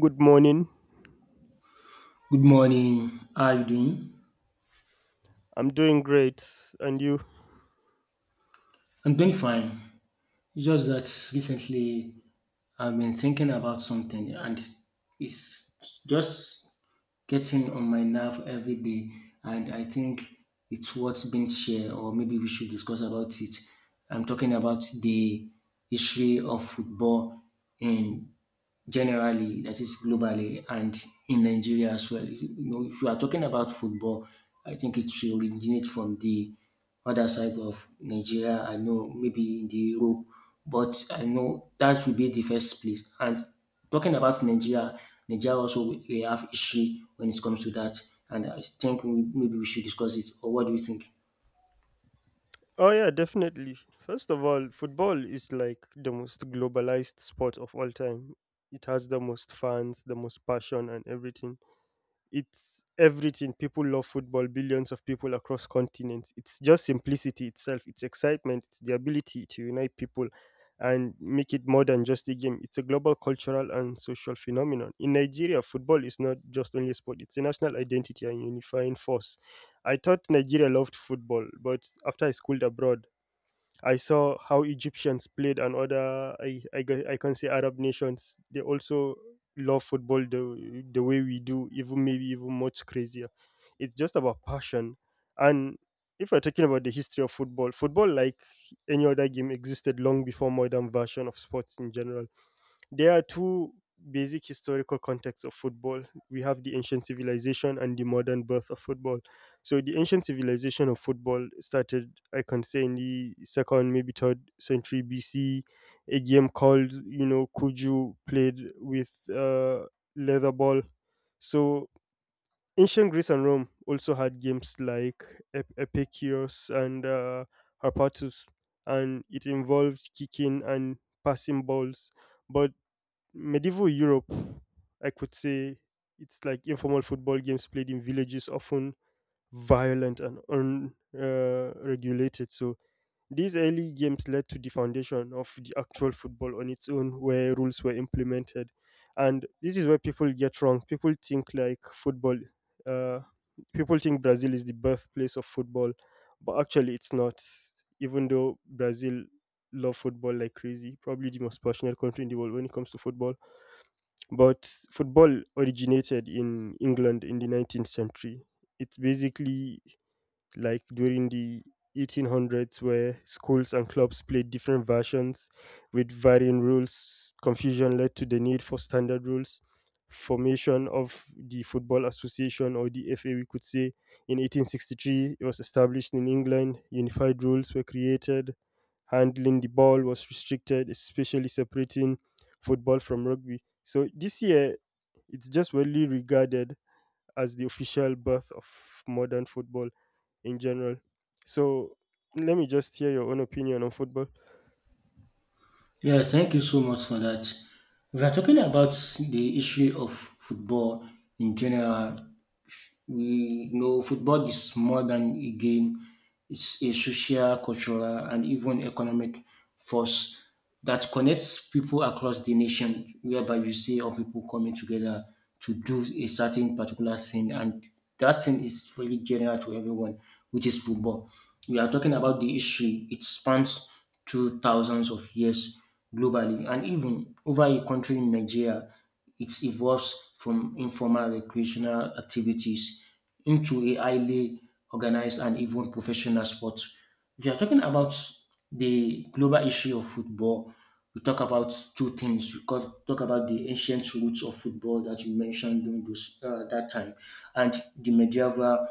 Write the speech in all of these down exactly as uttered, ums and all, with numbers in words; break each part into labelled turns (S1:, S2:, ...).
S1: Good morning.
S2: Good morning. How are you doing?
S1: I'm doing great. And you?
S2: I'm doing fine. It's just that recently I've been thinking about something, and it's just getting on my nerve every day. And I think it's what's been shared, or maybe we should discuss about it. I'm talking about the history of football in generally, that is globally, and in Nigeria as well. You know, if you are talking about football, I think it should originate from the other side of Nigeria. I know maybe in the Europe, but I know that should be the first place. And talking about Nigeria, Nigeria also we we have issue when it comes to that, and I think we, maybe we should discuss it. Or what do you think?
S1: Oh, yeah, definitely. First of all, football is like the most globalized sport of all time. It has the most fans, the most passion, and everything. It's everything. People love football, billions of people across continents. It's just simplicity itself, it's excitement, it's the ability to unite people and make it more than just a game. It's a global cultural and social phenomenon. In Nigeria, football is not just only a sport, it's a national identity and unifying force. I thought Nigeria loved football, but after I schooled abroad, I saw how Egyptians played and other I, I gue- I can say Arab nations they also love football the the way we do, even maybe even much crazier. It's just about passion, and if we're talking about the history of football, football like any other game existed long before modern version of sports in general. There are two basic historical contexts of football. We have the ancient civilization and the modern birth of football. So the ancient civilization of football started, I can say, in the second, maybe third century B C. A game called, you know, Kuju played with uh, leather ball. So ancient Greece and Rome also had games like Ep- Epicurus and uh, Harpatus, and it involved kicking and passing balls. But Medieval Europe, I could say it's like informal football games played in villages, often violent and unregulated. So these early games led to the foundation of the actual football on its own, where rules were implemented. And this is where people get wrong. People think like football, uh, people think Brazil is the birthplace of football, but actually it's not. Even though Brazil love football like crazy, probably the most passionate country in the world when it comes to football, but football originated in England in the nineteenth century. It's basically like during the eighteen hundreds, where schools and clubs played different versions with varying rules. Confusion led to the need for standard rules. Formation of the Football Association, or the F A, we could say, in eighteen sixty-three, it was established in England. Unified rules were created. Handling the ball was restricted, especially separating football from rugby. So this year, it's just widely regarded as the official birth of modern football in general. So let me just hear your own opinion on football.
S2: Yeah, thank you so much for that. We are talking about the issue of football in general. We know football is more than a game. It's a social, cultural, and even economic force that connects people across the nation, whereby you see of people coming together to do a certain particular thing, and that thing is really general to everyone, which is football. We are talking about the issue, it spans through thousands of years globally and even over a country in Nigeria. It evolves from informal recreational activities into a highly organized and even professional sport. If you are talking about the global issue of football, we talk about two things. We co- talk about the ancient roots of football that you mentioned during those, uh, that time, and the medieval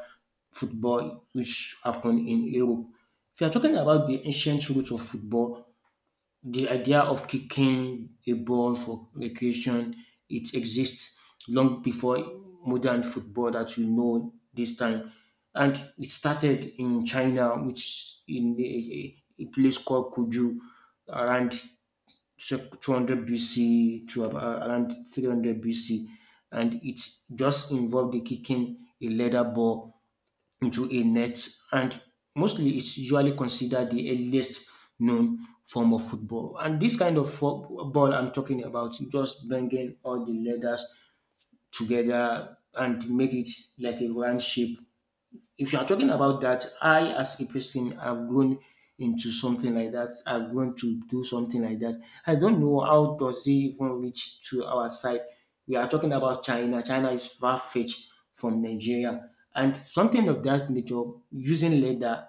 S2: football which happened in Europe. If you are talking about the ancient roots of football, the idea of kicking a ball for recreation, it exists long before modern football that we know this time. And it started in China, which in a, a place called Kuju around two hundred B C to ab- uh, around three hundred B C. And it just involved the kicking a leather ball into a net, and mostly it's usually considered the earliest known form of football. And this kind of fo- ball, I'm talking about, just bringing all the leathers together and make it like a round shape. If you are talking about that, I as a person have grown into something like that. I've grown to do something like that. I don't know how does it even reach to our side. We are talking about China. China is far fetched from Nigeria, and something of that nature using leather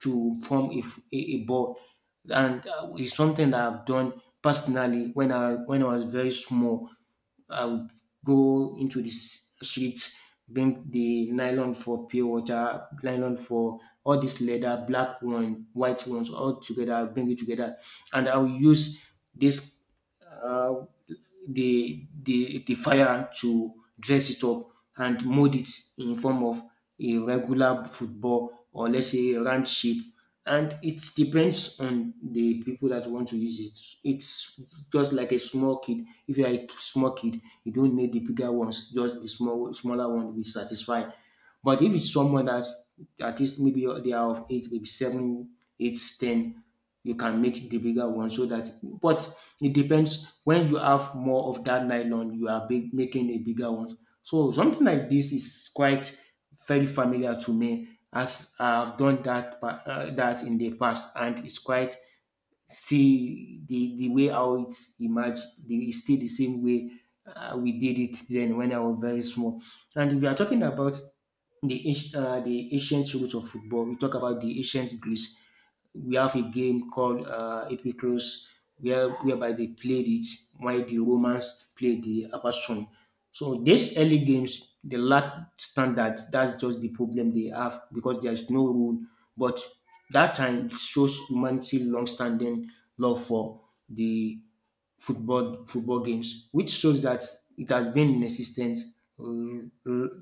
S2: to form a, f- a- a ball, and uh, it's something that I've done personally when I when I was very small. I would go into the s- streets, bring the nylon for pure water, nylon for all this leather, black one, white ones, all together. I'll bring it together, and I'll use this uh, the the the fire to dress it up and mold it in form of a regular football, or let's say a round shape. And it depends on the people that want to use it. It's just like a small kid. If you're a small kid, you don't need the bigger ones. Just the small, smaller one will satisfy. But if it's someone that at least maybe they are of eight, maybe seven, eight, ten, you can make the bigger one so that. But it depends. When you have more of that nylon, you are big, making a bigger one. So something like this is quite very familiar to me as I've done that pa- uh, that in the past, and it's quite see the the way how it's emerged. The, it's still the same way uh, we did it then when I was very small. And if we are talking about the anci- uh, the ancient roots of football, we talk about the ancient Greece. We have a game called uh, Epicros, where whereby they played it while the Romans played the Apostron. So these early games, they lack standard. That's just the problem they have because there is no rule. But that time it shows humanity long-standing love for the football football games, which shows that it has been in existence uh, in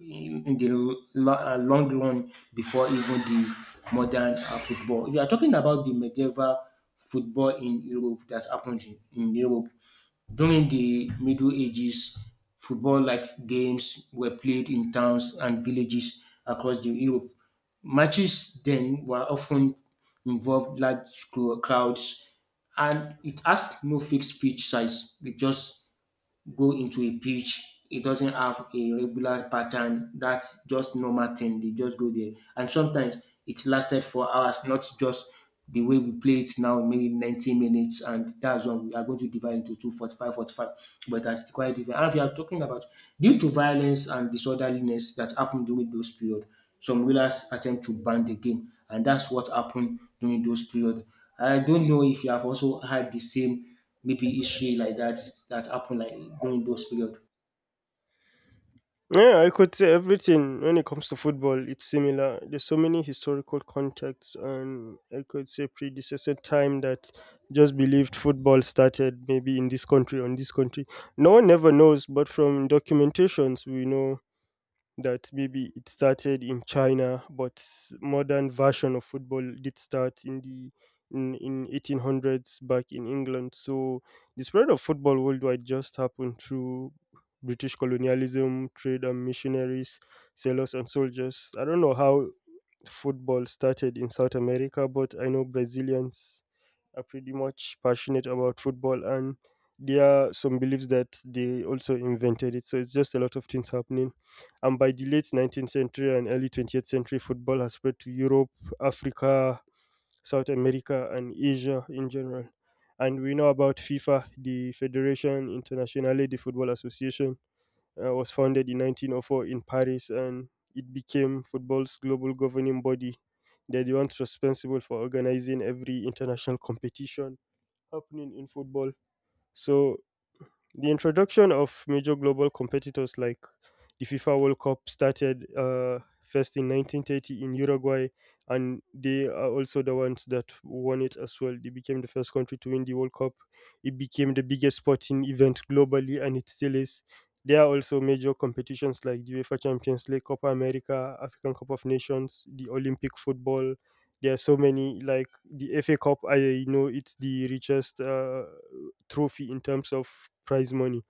S2: the lo- uh, long run before even the modern uh, football. If you are talking about the medieval football in Europe that happened in, in Europe, during the Middle Ages, football like games were played in towns and villages across the Europe. Matches then were often involved large cro- crowds, and it has no fixed pitch size. It just go into a pitch. It doesn't have a regular pattern. That's just normal thing. They just go there. And sometimes it lasted for hours, not just the way we play it now, maybe ninety minutes, and that's when we are going to divide into two, forty-five, forty-five. But that's quite different. And we are talking about due to violence and disorderliness that happened during those period, some rulers attempt to ban the game, and that's what happened during those period. I don't know if you have also had the same maybe history like that that happened like during those period.
S1: Yeah, I could say everything when it comes to football, it's similar. There's so many historical contexts, and I could say predecessor time that just believed football started maybe in this country, on this country. No one never knows, but from documentations, we know that maybe it started in China, but modern version of football did start in the in, in eighteen hundreds back in England. So the spread of football worldwide just happened through British colonialism, trade and missionaries, sailors and soldiers. I don't know how football started in South America, but I know Brazilians are pretty much passionate about football, and there are some beliefs that they also invented it. So it's just a lot of things happening, and by the late nineteenth century and early twentieth century, football has spread to Europe, Africa, South America and Asia in general. And we know about FIFA, the Federation Internationale de Football Association, uh, was founded in nineteen oh four in Paris, and it became football's global governing body. They're the ones responsible for organizing every international competition happening in football. So the introduction of major global competitors like the FIFA World Cup started uh, first in nineteen thirty in Uruguay, and they are also the ones that won it as well. They became the first country to win the World Cup. It became the biggest sporting event globally, and it still is. There are also major competitions like the UEFA Champions League, Copa America, African Cup of Nations, the Olympic football. There are so many, like the F A Cup. I know it's the richest uh, trophy in terms of prize money.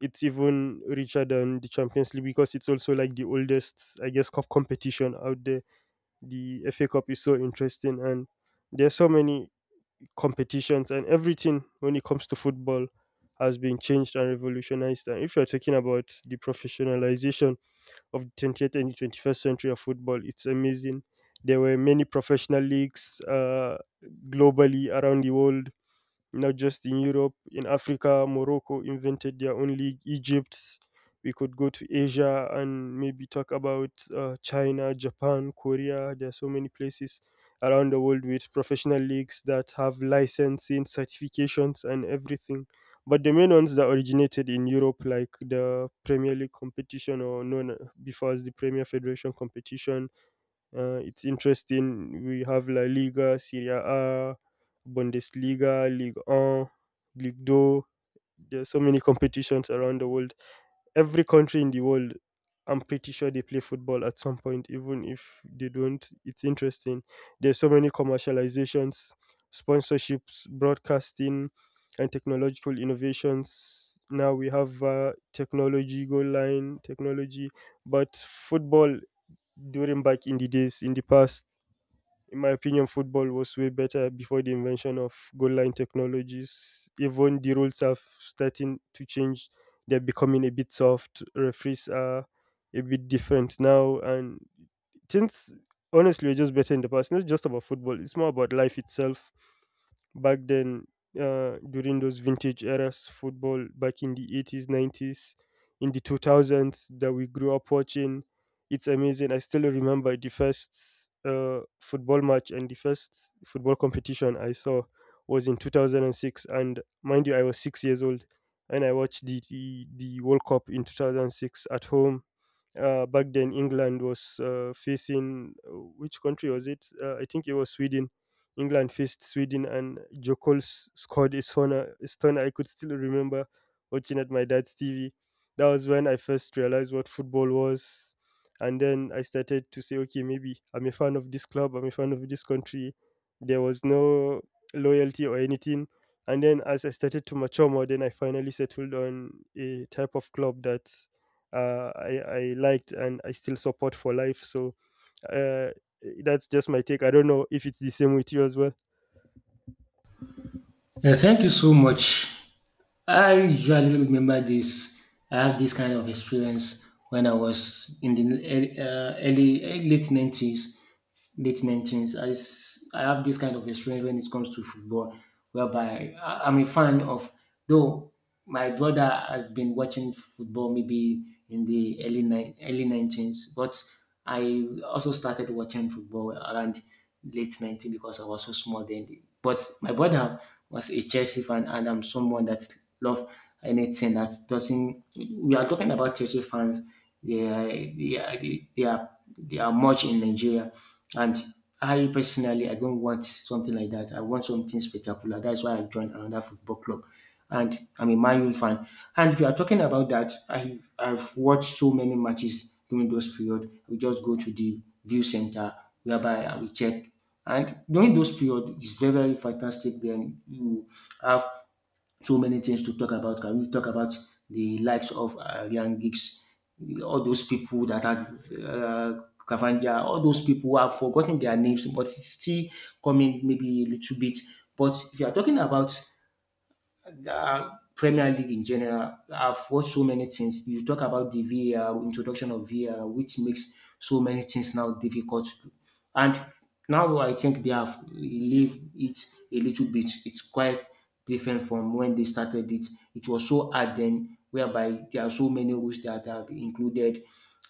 S1: It's even richer than the Champions League, because it's also like the oldest, I guess, cup competition out there. The F A Cup is so interesting, and there are so many competitions, and everything when it comes to football has been changed and revolutionized. And if you're talking about the professionalization of the twentieth and the twenty-first century of football, it's amazing. There were many professional leagues uh, globally around the world, not just in Europe. In Africa, Morocco invented their own league, Egypt. We could go to Asia and maybe talk about uh, China, Japan, Korea. There are so many places around the world with professional leagues that have licensing, certifications, and everything. But the main ones that originated in Europe, like the Premier League competition, or known uh, before as the Premier Federation competition, uh, it's interesting. We have La Liga, Serie A, Bundesliga, Ligue one, Ligue two. There's so many competitions around the world. Every country in the world, I'm pretty sure they play football at some point, even if they don't. It's interesting. There's so many commercializations, sponsorships, broadcasting, and technological innovations. Now we have uh, technology, goal line technology. But football during back in the days in the past, in my opinion, football was way better before the invention of goal line technologies. Even the rules are starting to change, they're becoming a bit soft. Referees are a bit different now, and things honestly were just better in the past. Not just about football, it's more about life itself. Back then, uh, during those vintage eras, football back in the eighties, nineties, in the two thousands that we grew up watching, it's amazing. I still remember the first uh, football match and the first football competition I saw was in two thousand six. And six. And mind you, I was six years old, and I watched the the, the World Cup in two thousand six at home. Uh, back then England was uh, facing uh, which country was it? Uh, I think it was Sweden. England faced Sweden, and Jokols scored a stunner. A stunner I could still remember watching at my dad's T V. That was when I first realized what football was, and then I started to say, okay, maybe I'm a fan of this club. I'm a fan of this country. There was no loyalty or anything. And then as I started to mature more, then I finally settled on a type of club that uh, I, I liked and I still support for life. So uh, that's just my take. I don't know if it's the same with you as well.
S2: Yeah, thank you so much. I usually remember this. I have this kind of experience when I was in the ear- uh, early eh, late nineties, late nineties. I, s- I have this kind of experience when it comes to football, whereby I- I'm a fan of though. My brother has been watching football maybe in the early nine early nineties, but I also started watching football around late nineties because I was so small then. But my brother was a Chelsea fan, and I'm someone that love anything that doesn't. We are talking about Chelsea fans. They are they are, they are, they are much in Nigeria, and I personally, I don't want something like that. I want something spectacular. That's why I joined another football club, and I'm a Man U fan. And if you are talking about that, I I've watched so many matches during those period. We just go to the view center whereby I will check, and during those period, it's very very fantastic. Then you have so many things to talk about. Can we talk about the likes of uh, Ryan Giggs, all those people that are uh, Cavanja, all those people who have forgotten their names, but it's still coming maybe a little bit. But if you are talking about uh, Premier League in general. I've watched so many things. You talk about the V A R, introduction of V A R, which makes so many things now difficult. To- do. And now I think they have relieved it a little bit. It's quite different from when they started it. It was so hard then, whereby there are so many rules that have been included.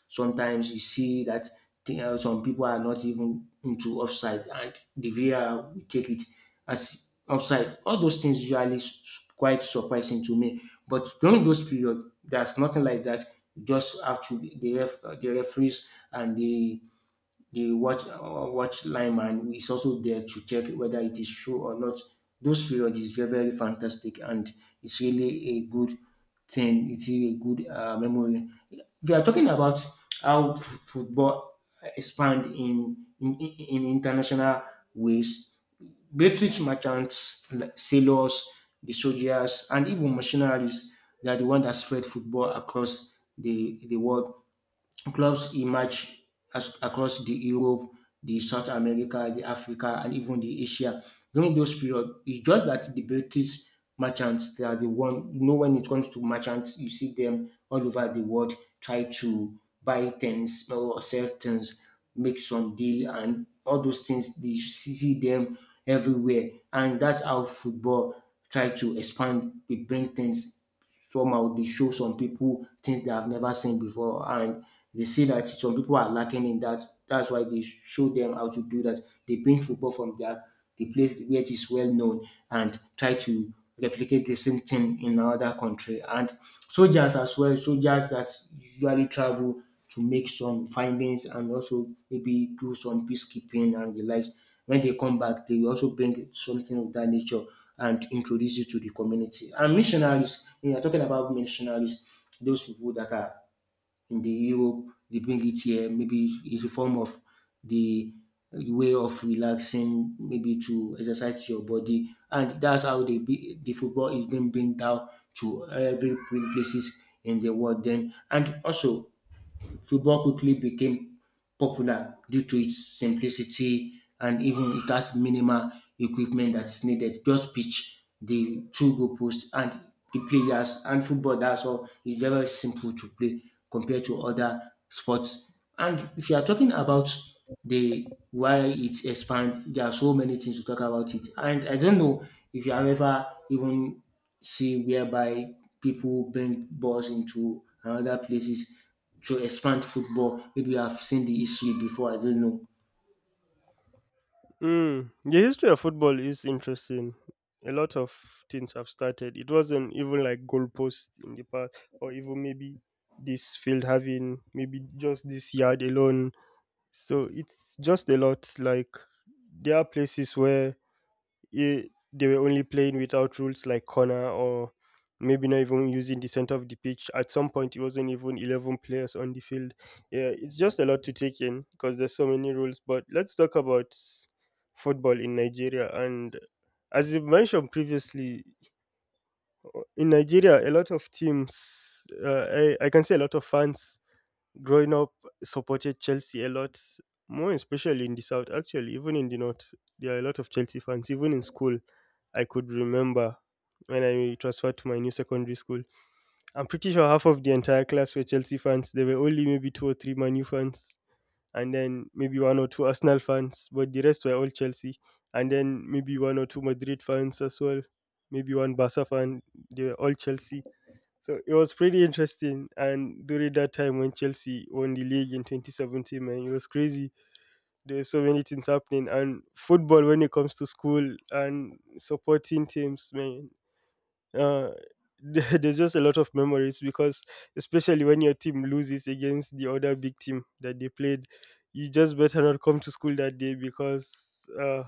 S2: Sometimes you see that thing- uh, some people are not even into offside, and the V A R will take it as offside. All those things usually s- s- quite surprising to me. But during those periods, there's nothing like that. You just have to the ref, uh, the referees and the the watch uh, watch lineman is also there to check whether it is true or not. Those periods is very very fantastic, and it's really a good thing. It is a good uh, memory. We are talking about how f- football expand in in, in international ways. British merchants, like sailors, the soldiers, and even mercenaries, they are the one that spread football across the, the world. Clubs emerged as, across the Europe, the South America, the Africa, and even the Asia. During those period, it's just that the British merchants they are the one. You know, when it comes to merchants, you see them all over the world try to buy things or sell things, make some deal, and all those things. You see see them everywhere, and that's how football try to expand. They bring things somehow they show some people things they have never seen before, and they see that some people are lacking in that. That's why they show them how to do that. They bring football from their the place where it is well known and try to replicate the same thing in another country. And soldiers as well, soldiers that usually travel to make some findings and also maybe do some peacekeeping and the like. When they come back, they also bring something of that nature and introduce you to the community. And missionaries, we are talking about missionaries, those people that are in the Europe, they bring it here, maybe it's a form of the way of relaxing, maybe to exercise your body. And that's how they be, the football is being bring down to every places in the world then. And also football quickly became popular due to its simplicity, and even it has minimal equipment that is needed. Just pitch, the two goal posts, and the players. And football, that's all. It's very simple to play compared to other sports. And if you are talking about the why it expand, there are so many things to talk about it. And I don't know if you have ever even see whereby people bring balls into another places to expand football. Maybe I've seen the history before, I don't know.
S1: Mm, the history of football is interesting. A lot of things have started. It wasn't even like goalposts in the past, or even maybe this field having maybe just this yard alone. So it's just a lot. Like there are places where eh, they were only playing without rules like corner, or maybe not even using the center of the pitch. At some point, it wasn't even eleven players on the field. Yeah, it's just a lot to take in because there's so many rules. But let's talk about football in Nigeria. And as you mentioned previously, in Nigeria, a lot of teams, uh, I, I can say a lot of fans growing up supported Chelsea a lot, more especially in the south. Actually, even in the north, there are a lot of Chelsea fans. Even in school, I could remember when I transferred to my new secondary school. I'm pretty sure half of the entire class were Chelsea fans. There were only maybe two or three Manu fans, and then maybe one or two Arsenal fans, but the rest were all Chelsea. And then maybe one or two Madrid fans as well, maybe one Barca fan. They were all Chelsea, so it was pretty interesting. And during that time when Chelsea won the league in twenty seventeen, man, it was crazy. There were so many things happening. And football, when it comes to school and supporting teams, man, uh, there- there's just a lot of memories because, especially when your team loses against the other big team that they played, you just better not come to school that day because, uh,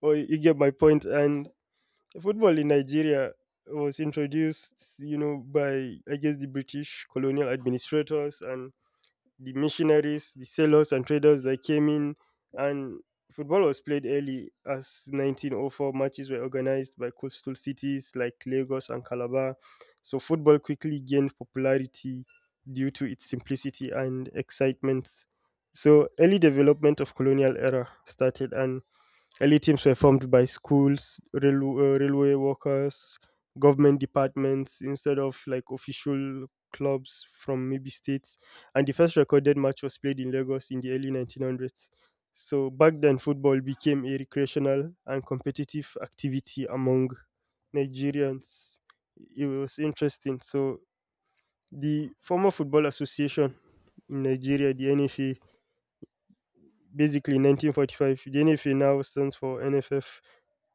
S1: well, you get my point. And football in Nigeria was introduced, you know, by I guess the British colonial administrators and the missionaries, the sailors and traders that came in, and football was played early as nineteen oh four. Matches were organized by coastal cities like Lagos and Calabar. So football quickly gained popularity due to its simplicity and excitement. So early development of colonial era started, and early teams were formed by schools, rail, uh, railway workers, government departments instead of like official clubs from maybe states. And the first recorded match was played in Lagos in the early nineteen hundreds. So back then, football became a recreational and competitive activity among Nigerians. It was interesting. So the former football association in Nigeria, the N F A, basically in nineteen forty-five, the N F A now stands for N F F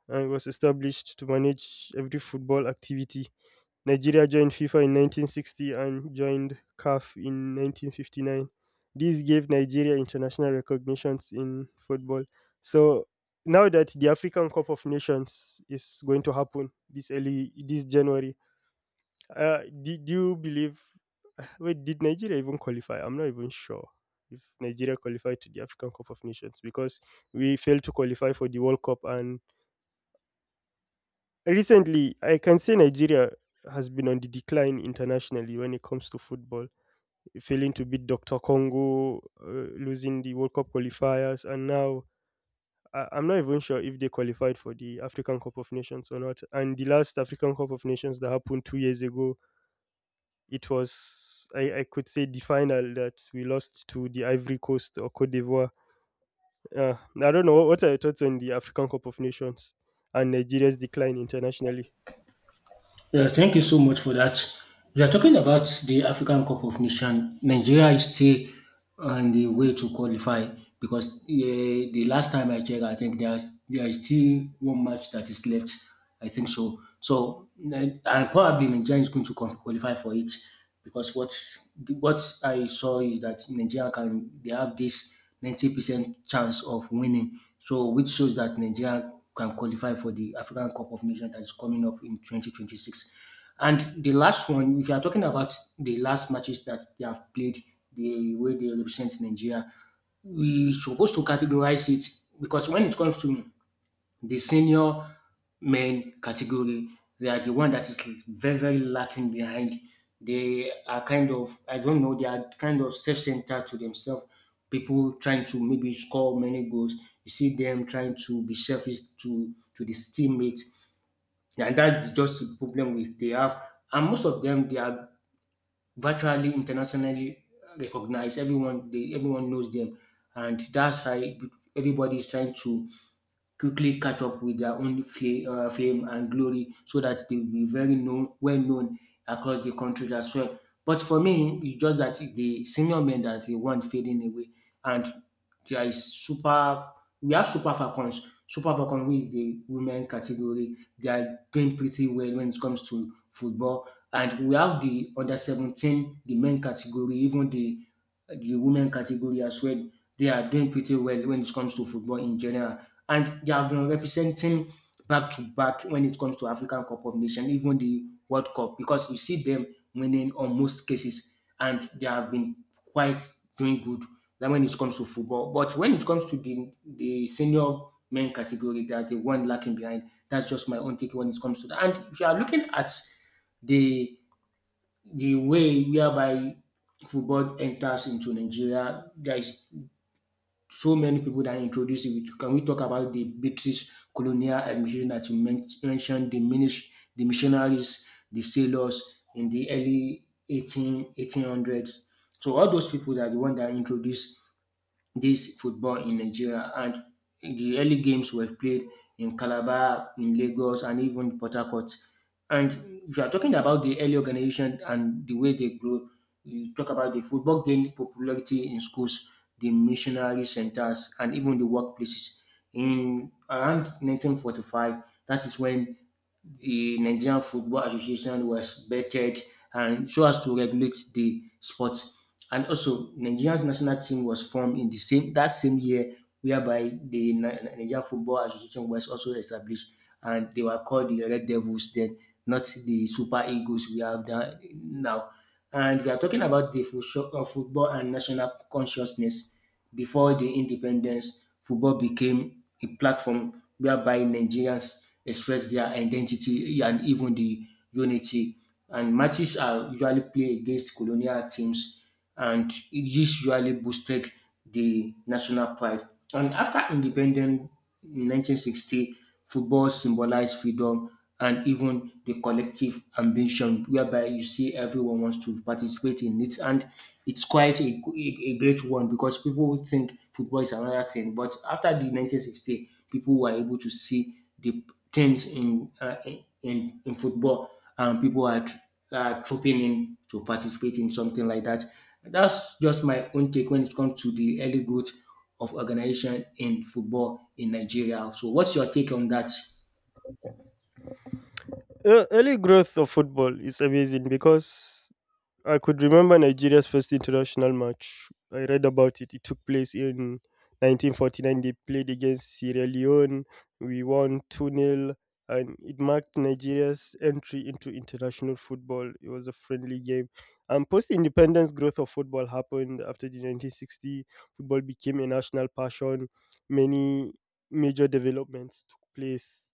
S1: and was established to manage every football activity. Nigeria joined FIFA in nineteen sixty and joined C A F in nineteen fifty-nine. These gave Nigeria international recognitions in football. So now that the African Cup of Nations is going to happen this early this January, uh, do, do you believe? Wait, did Nigeria even qualify? I'm not even sure if Nigeria qualified to the African Cup of Nations because we failed to qualify for the World Cup. And recently, I can say Nigeria has been on the decline internationally when it comes to football, failing to beat D R Congo, uh, losing the World Cup qualifiers, and now I- I'm not even sure if they qualified for the African Cup of Nations or not. And the last African Cup of Nations that happened two years ago, it was, I, I could say, the final that we lost to the Ivory Coast or Cote d'Ivoire. uh, I don't know. What are your thoughts on the African Cup of Nations and Nigeria's decline internationally?
S2: Yeah, thank you so much for that. We are talking about the African Cup of Nations. Nigeria is still on the way to qualify because eh, the last time I checked, I think there is, there is still one match that is left. I think so. So, eh, and probably Nigeria is going to qual- qualify for it because what what I saw is that Nigeria can they have this ninety percent chance of winning. So which shows that Nigeria can qualify for the African Cup of Nations that is coming up in twenty twenty-six. And the last one, if you are talking about the last matches that they have played, the way they represent Nigeria, we supposed to categorize it because when it comes to the senior men category, they are the one that is very, very lacking behind. They are kind of, I don't know, they are kind of self centered to themselves. People trying to maybe score many goals. You see them trying to be selfish to, to the teammates. And that's just the problem with they have. And most of them, they are virtually internationally recognized. Everyone, they, everyone knows them. And that's why everybody is trying to quickly catch up with their own fla- uh, fame and glory so that they will be very known, well known across the country as well. But for me, it's just that the senior men that they want fading away, and there is super. We have super falcons. Super Falcons, which is the women category, they are doing pretty well when it comes to football, and we have the under seventeen, the men category, even the the women category as well. They are doing pretty well when it comes to football in general. And they have been representing back to back when it comes to African Cup of Nations, even the World Cup, because you see them winning on most cases and they have been quite doing good than when it comes to football. But when it comes to the, the senior men category, they are the one lacking behind. That's just my own take when it comes to that. And if you are looking at the the way whereby football enters into Nigeria, there is so many people that introduce it. Can we talk about the British colonial administration that you men- mentioned, the, minis- the missionaries, the sailors in the early eighteen eighteen hundreds. So all those people that are the one that introduced this football in Nigeria and the early games were played in Calabar, in Lagos and even Port Harcourt. And if you are talking about the early organization and the way they grow, you talk about the football gained popularity in schools, the missionary centers and even the workplaces. In around nineteen forty-five, that is when the Nigerian Football Association was vetted and so as to regulate the sport. And also, Nigeria's national team was formed in the same that same year, whereby the Ni- Ni- Nigerian Football Association was also established, and they were called the Red Devils then, not the Super Eagles we have done now. And we are talking about the fo- uh, football and national consciousness before the independence. Football became a platform whereby Nigerians express their identity and even the unity. And matches are usually played against colonial teams and this usually boosted the national pride. And after independence in nineteen sixty, football symbolized freedom and even the collective ambition, whereby you see everyone wants to participate in it. And it's quite a, a- a great one because people would think football is another thing. But after the nineteen sixty, people were able to see the things in, uh, in, in in football and people had uh, trooping in to participate in something like that. That's just my own take when it comes to the early growth of organization in football in Nigeria. So, what's your take on that?
S1: Ear- early growth of football is amazing because I could remember Nigeria's first international match. I read about it. It took place in nineteen forty-nine. They played against Sierra Leone. We won two nil, and it marked Nigeria's entry into international football. It was a friendly game. And post independence growth of football happened after the nineteen sixty. Football became a national passion. Many major developments took place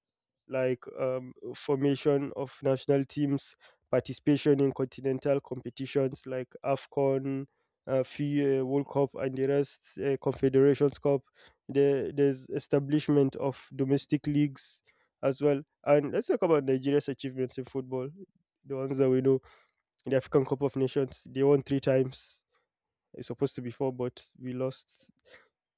S1: like um, formation of national teams, participation in continental competitions like AFCON, uh, F I uh, World Cup, and the rest, uh, Confederations Cup. There, there's establishment of domestic leagues as well. And let's talk about Nigeria's achievements in football, the ones that we know. The African Cup of Nations, they won three times. It's supposed to be four, but we lost,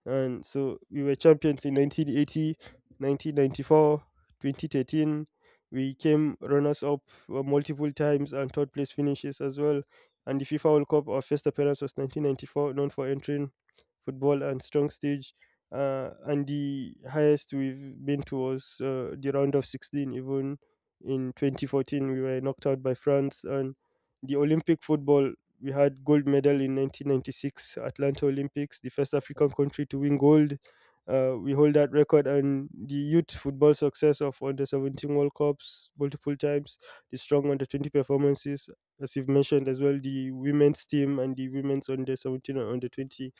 S1: and so we were champions in nineteen eighty, nineteen ninety four, twenty thirteen. We came runners up uh, multiple times and third place finishes as well. And the FIFA World Cup, our first appearance was nineteen ninety-four, known for entering football and strong stage. Uh, and the highest we've been to was uh, the round of sixteen, even in twenty fourteen. We were knocked out by France. And the Olympic football, we had gold medal in nineteen ninety-six Atlanta Olympics, the first African country to win gold. Uh, we hold that record, and the youth football success of under seventeen World Cups multiple times, the strong under twenty performances, as you've mentioned as well, the women's team and the women's under seventeen and under twenty.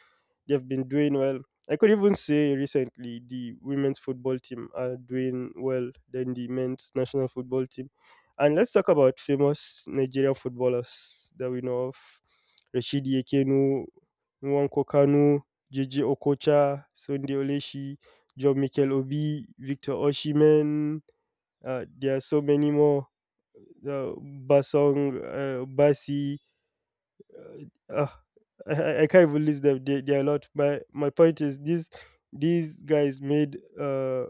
S1: They've been doing well. I could even say recently the women's football team are doing well than the men's national football team. And let's talk about famous Nigerian footballers that we know of. Rashidi Ekenu, Nwankwo Kanu, J J Okocha, Sunday Oleshi, John Mikel Obi, Victor Oshimen. Uh, there are so many more. Uh, Basong, uh, Basi, uh, I, I can't even list them. They, they are a lot. My my point is these these guys made uh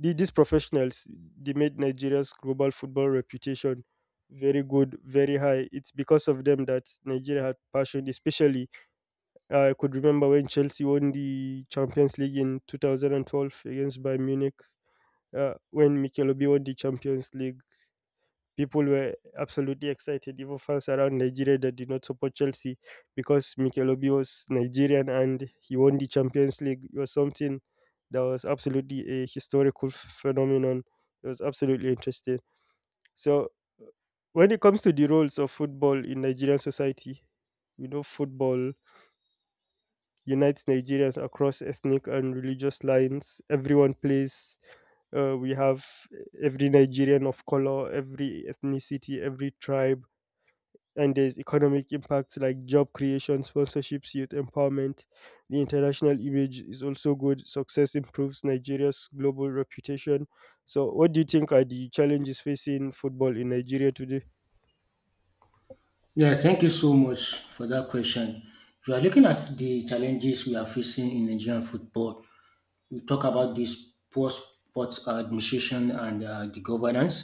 S1: the- these professionals they made Nigeria's global football reputation very good, very high. It's because of them that Nigeria had passion. Especially, I could remember when Chelsea won the Champions League in two thousand twelve against Bayern Munich. Uh, when Mikel Obi won the Champions League, people were absolutely excited, even fans around Nigeria that did not support Chelsea because Mikel Obi was Nigerian and he won the Champions League. It was something that was absolutely a historical phenomenon. It was absolutely interesting. So, when it comes to the roles of football in Nigerian society, you know, football unites Nigerians across ethnic and religious lines. Everyone plays. Uh, we have every Nigerian of color, every ethnicity, every tribe, and there's economic impacts like job creation, sponsorships, youth empowerment. The international image is also good. Success improves Nigeria's global reputation. So, what do you think are the challenges facing football in Nigeria today?
S2: Yeah, thank you so much for that question. If you are looking at the challenges we are facing in Nigerian football, we talk about this poor sports administration and uh, the governance.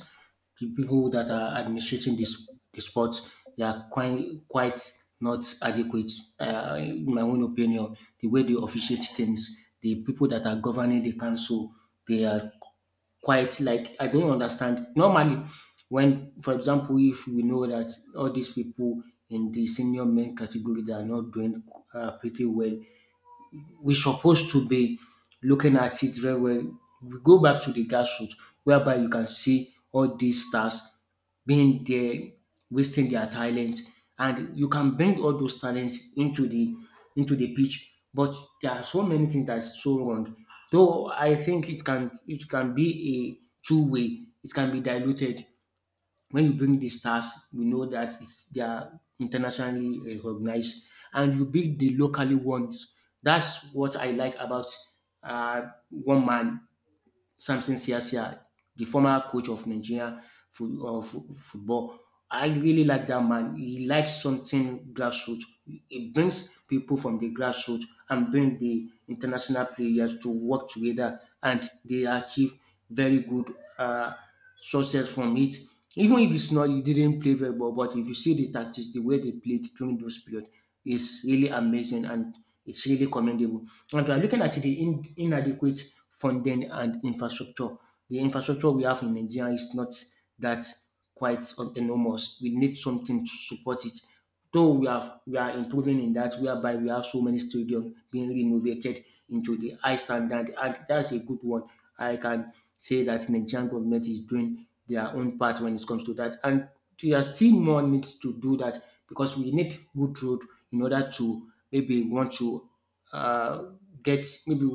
S2: The people that are administrating this the sports, they are quite quite not adequate. Uh, in my own opinion, the way they officiate things, the people that are governing the council, they are quite like I don't understand. Normally, when for example, if we know that all these people in the senior men category they are not doing uh, pretty well, we supposed to be looking at it very well. We go back to the grassroots whereby you can see all these stars being there, wasting their talent, and you can bring all those talents into the into the pitch. But there are so many things that's so wrong. Though I think it can it can be a two way. It can be diluted when you bring these stars, we know that it's they are internationally recognized, and you bring the locally ones. That's what I like about uh, one man Samson Siasia, the former coach of Nigeria fut- uh, fu- football. I really like that man. He likes something grassroots. He brings people from the grassroots and bring the international players to work together, and they achieve very good uh, success from it. Even if it's not, you didn't play very well, but if you see the tactics, the way they played during those period, is really amazing and it's really commendable. And if you are looking at the in, inadequate funding and infrastructure, the infrastructure we have in Nigeria is not that quite enormous. We need something to support it. Though we have we are improving in that, whereby we have so many stadiums being renovated into the high standard, and that's a good one. I can say that Nigerian government is doing their own part when it comes to that, and there are still more needs to do that because we need good road in order to maybe want to uh, get maybe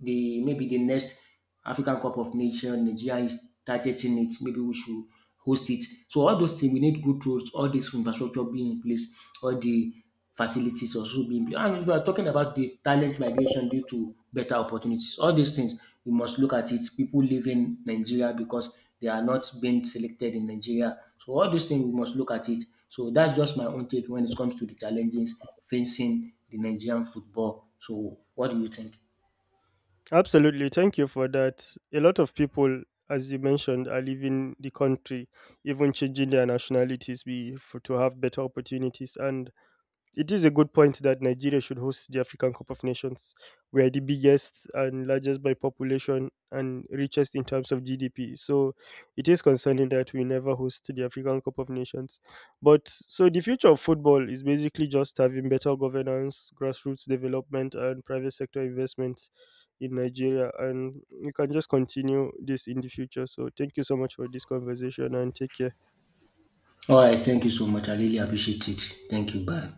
S2: the maybe the next African Cup of Nations Nigeria is targeting it. Maybe we should host it. So all those things we need good roads, all this infrastructure being in place, all the facilities also being in place. And if we are talking about the talent migration due to better opportunities, all these things you must look at it. People live in Nigeria because they are not being selected in Nigeria. So all these things we must look at it. So that's just my own take when it comes to the challenges facing the Nigerian football. So what do you think?
S1: Absolutely. Thank you for that. A lot of people, as you mentioned, are leaving the country, even changing their nationalities be, for, to have better opportunities. And it is a good point that Nigeria should host the African Cup of Nations. We are the biggest and largest by population and richest in terms of G D P. So it is concerning that we never host the African Cup of Nations. But so the future of football is basically just having better governance, grassroots development, and private sector investment in Nigeria. And we can just continue this in the future. So thank you so much for this conversation and take care.
S2: All right, thank you so much. I really appreciate it. Thank you. Bye.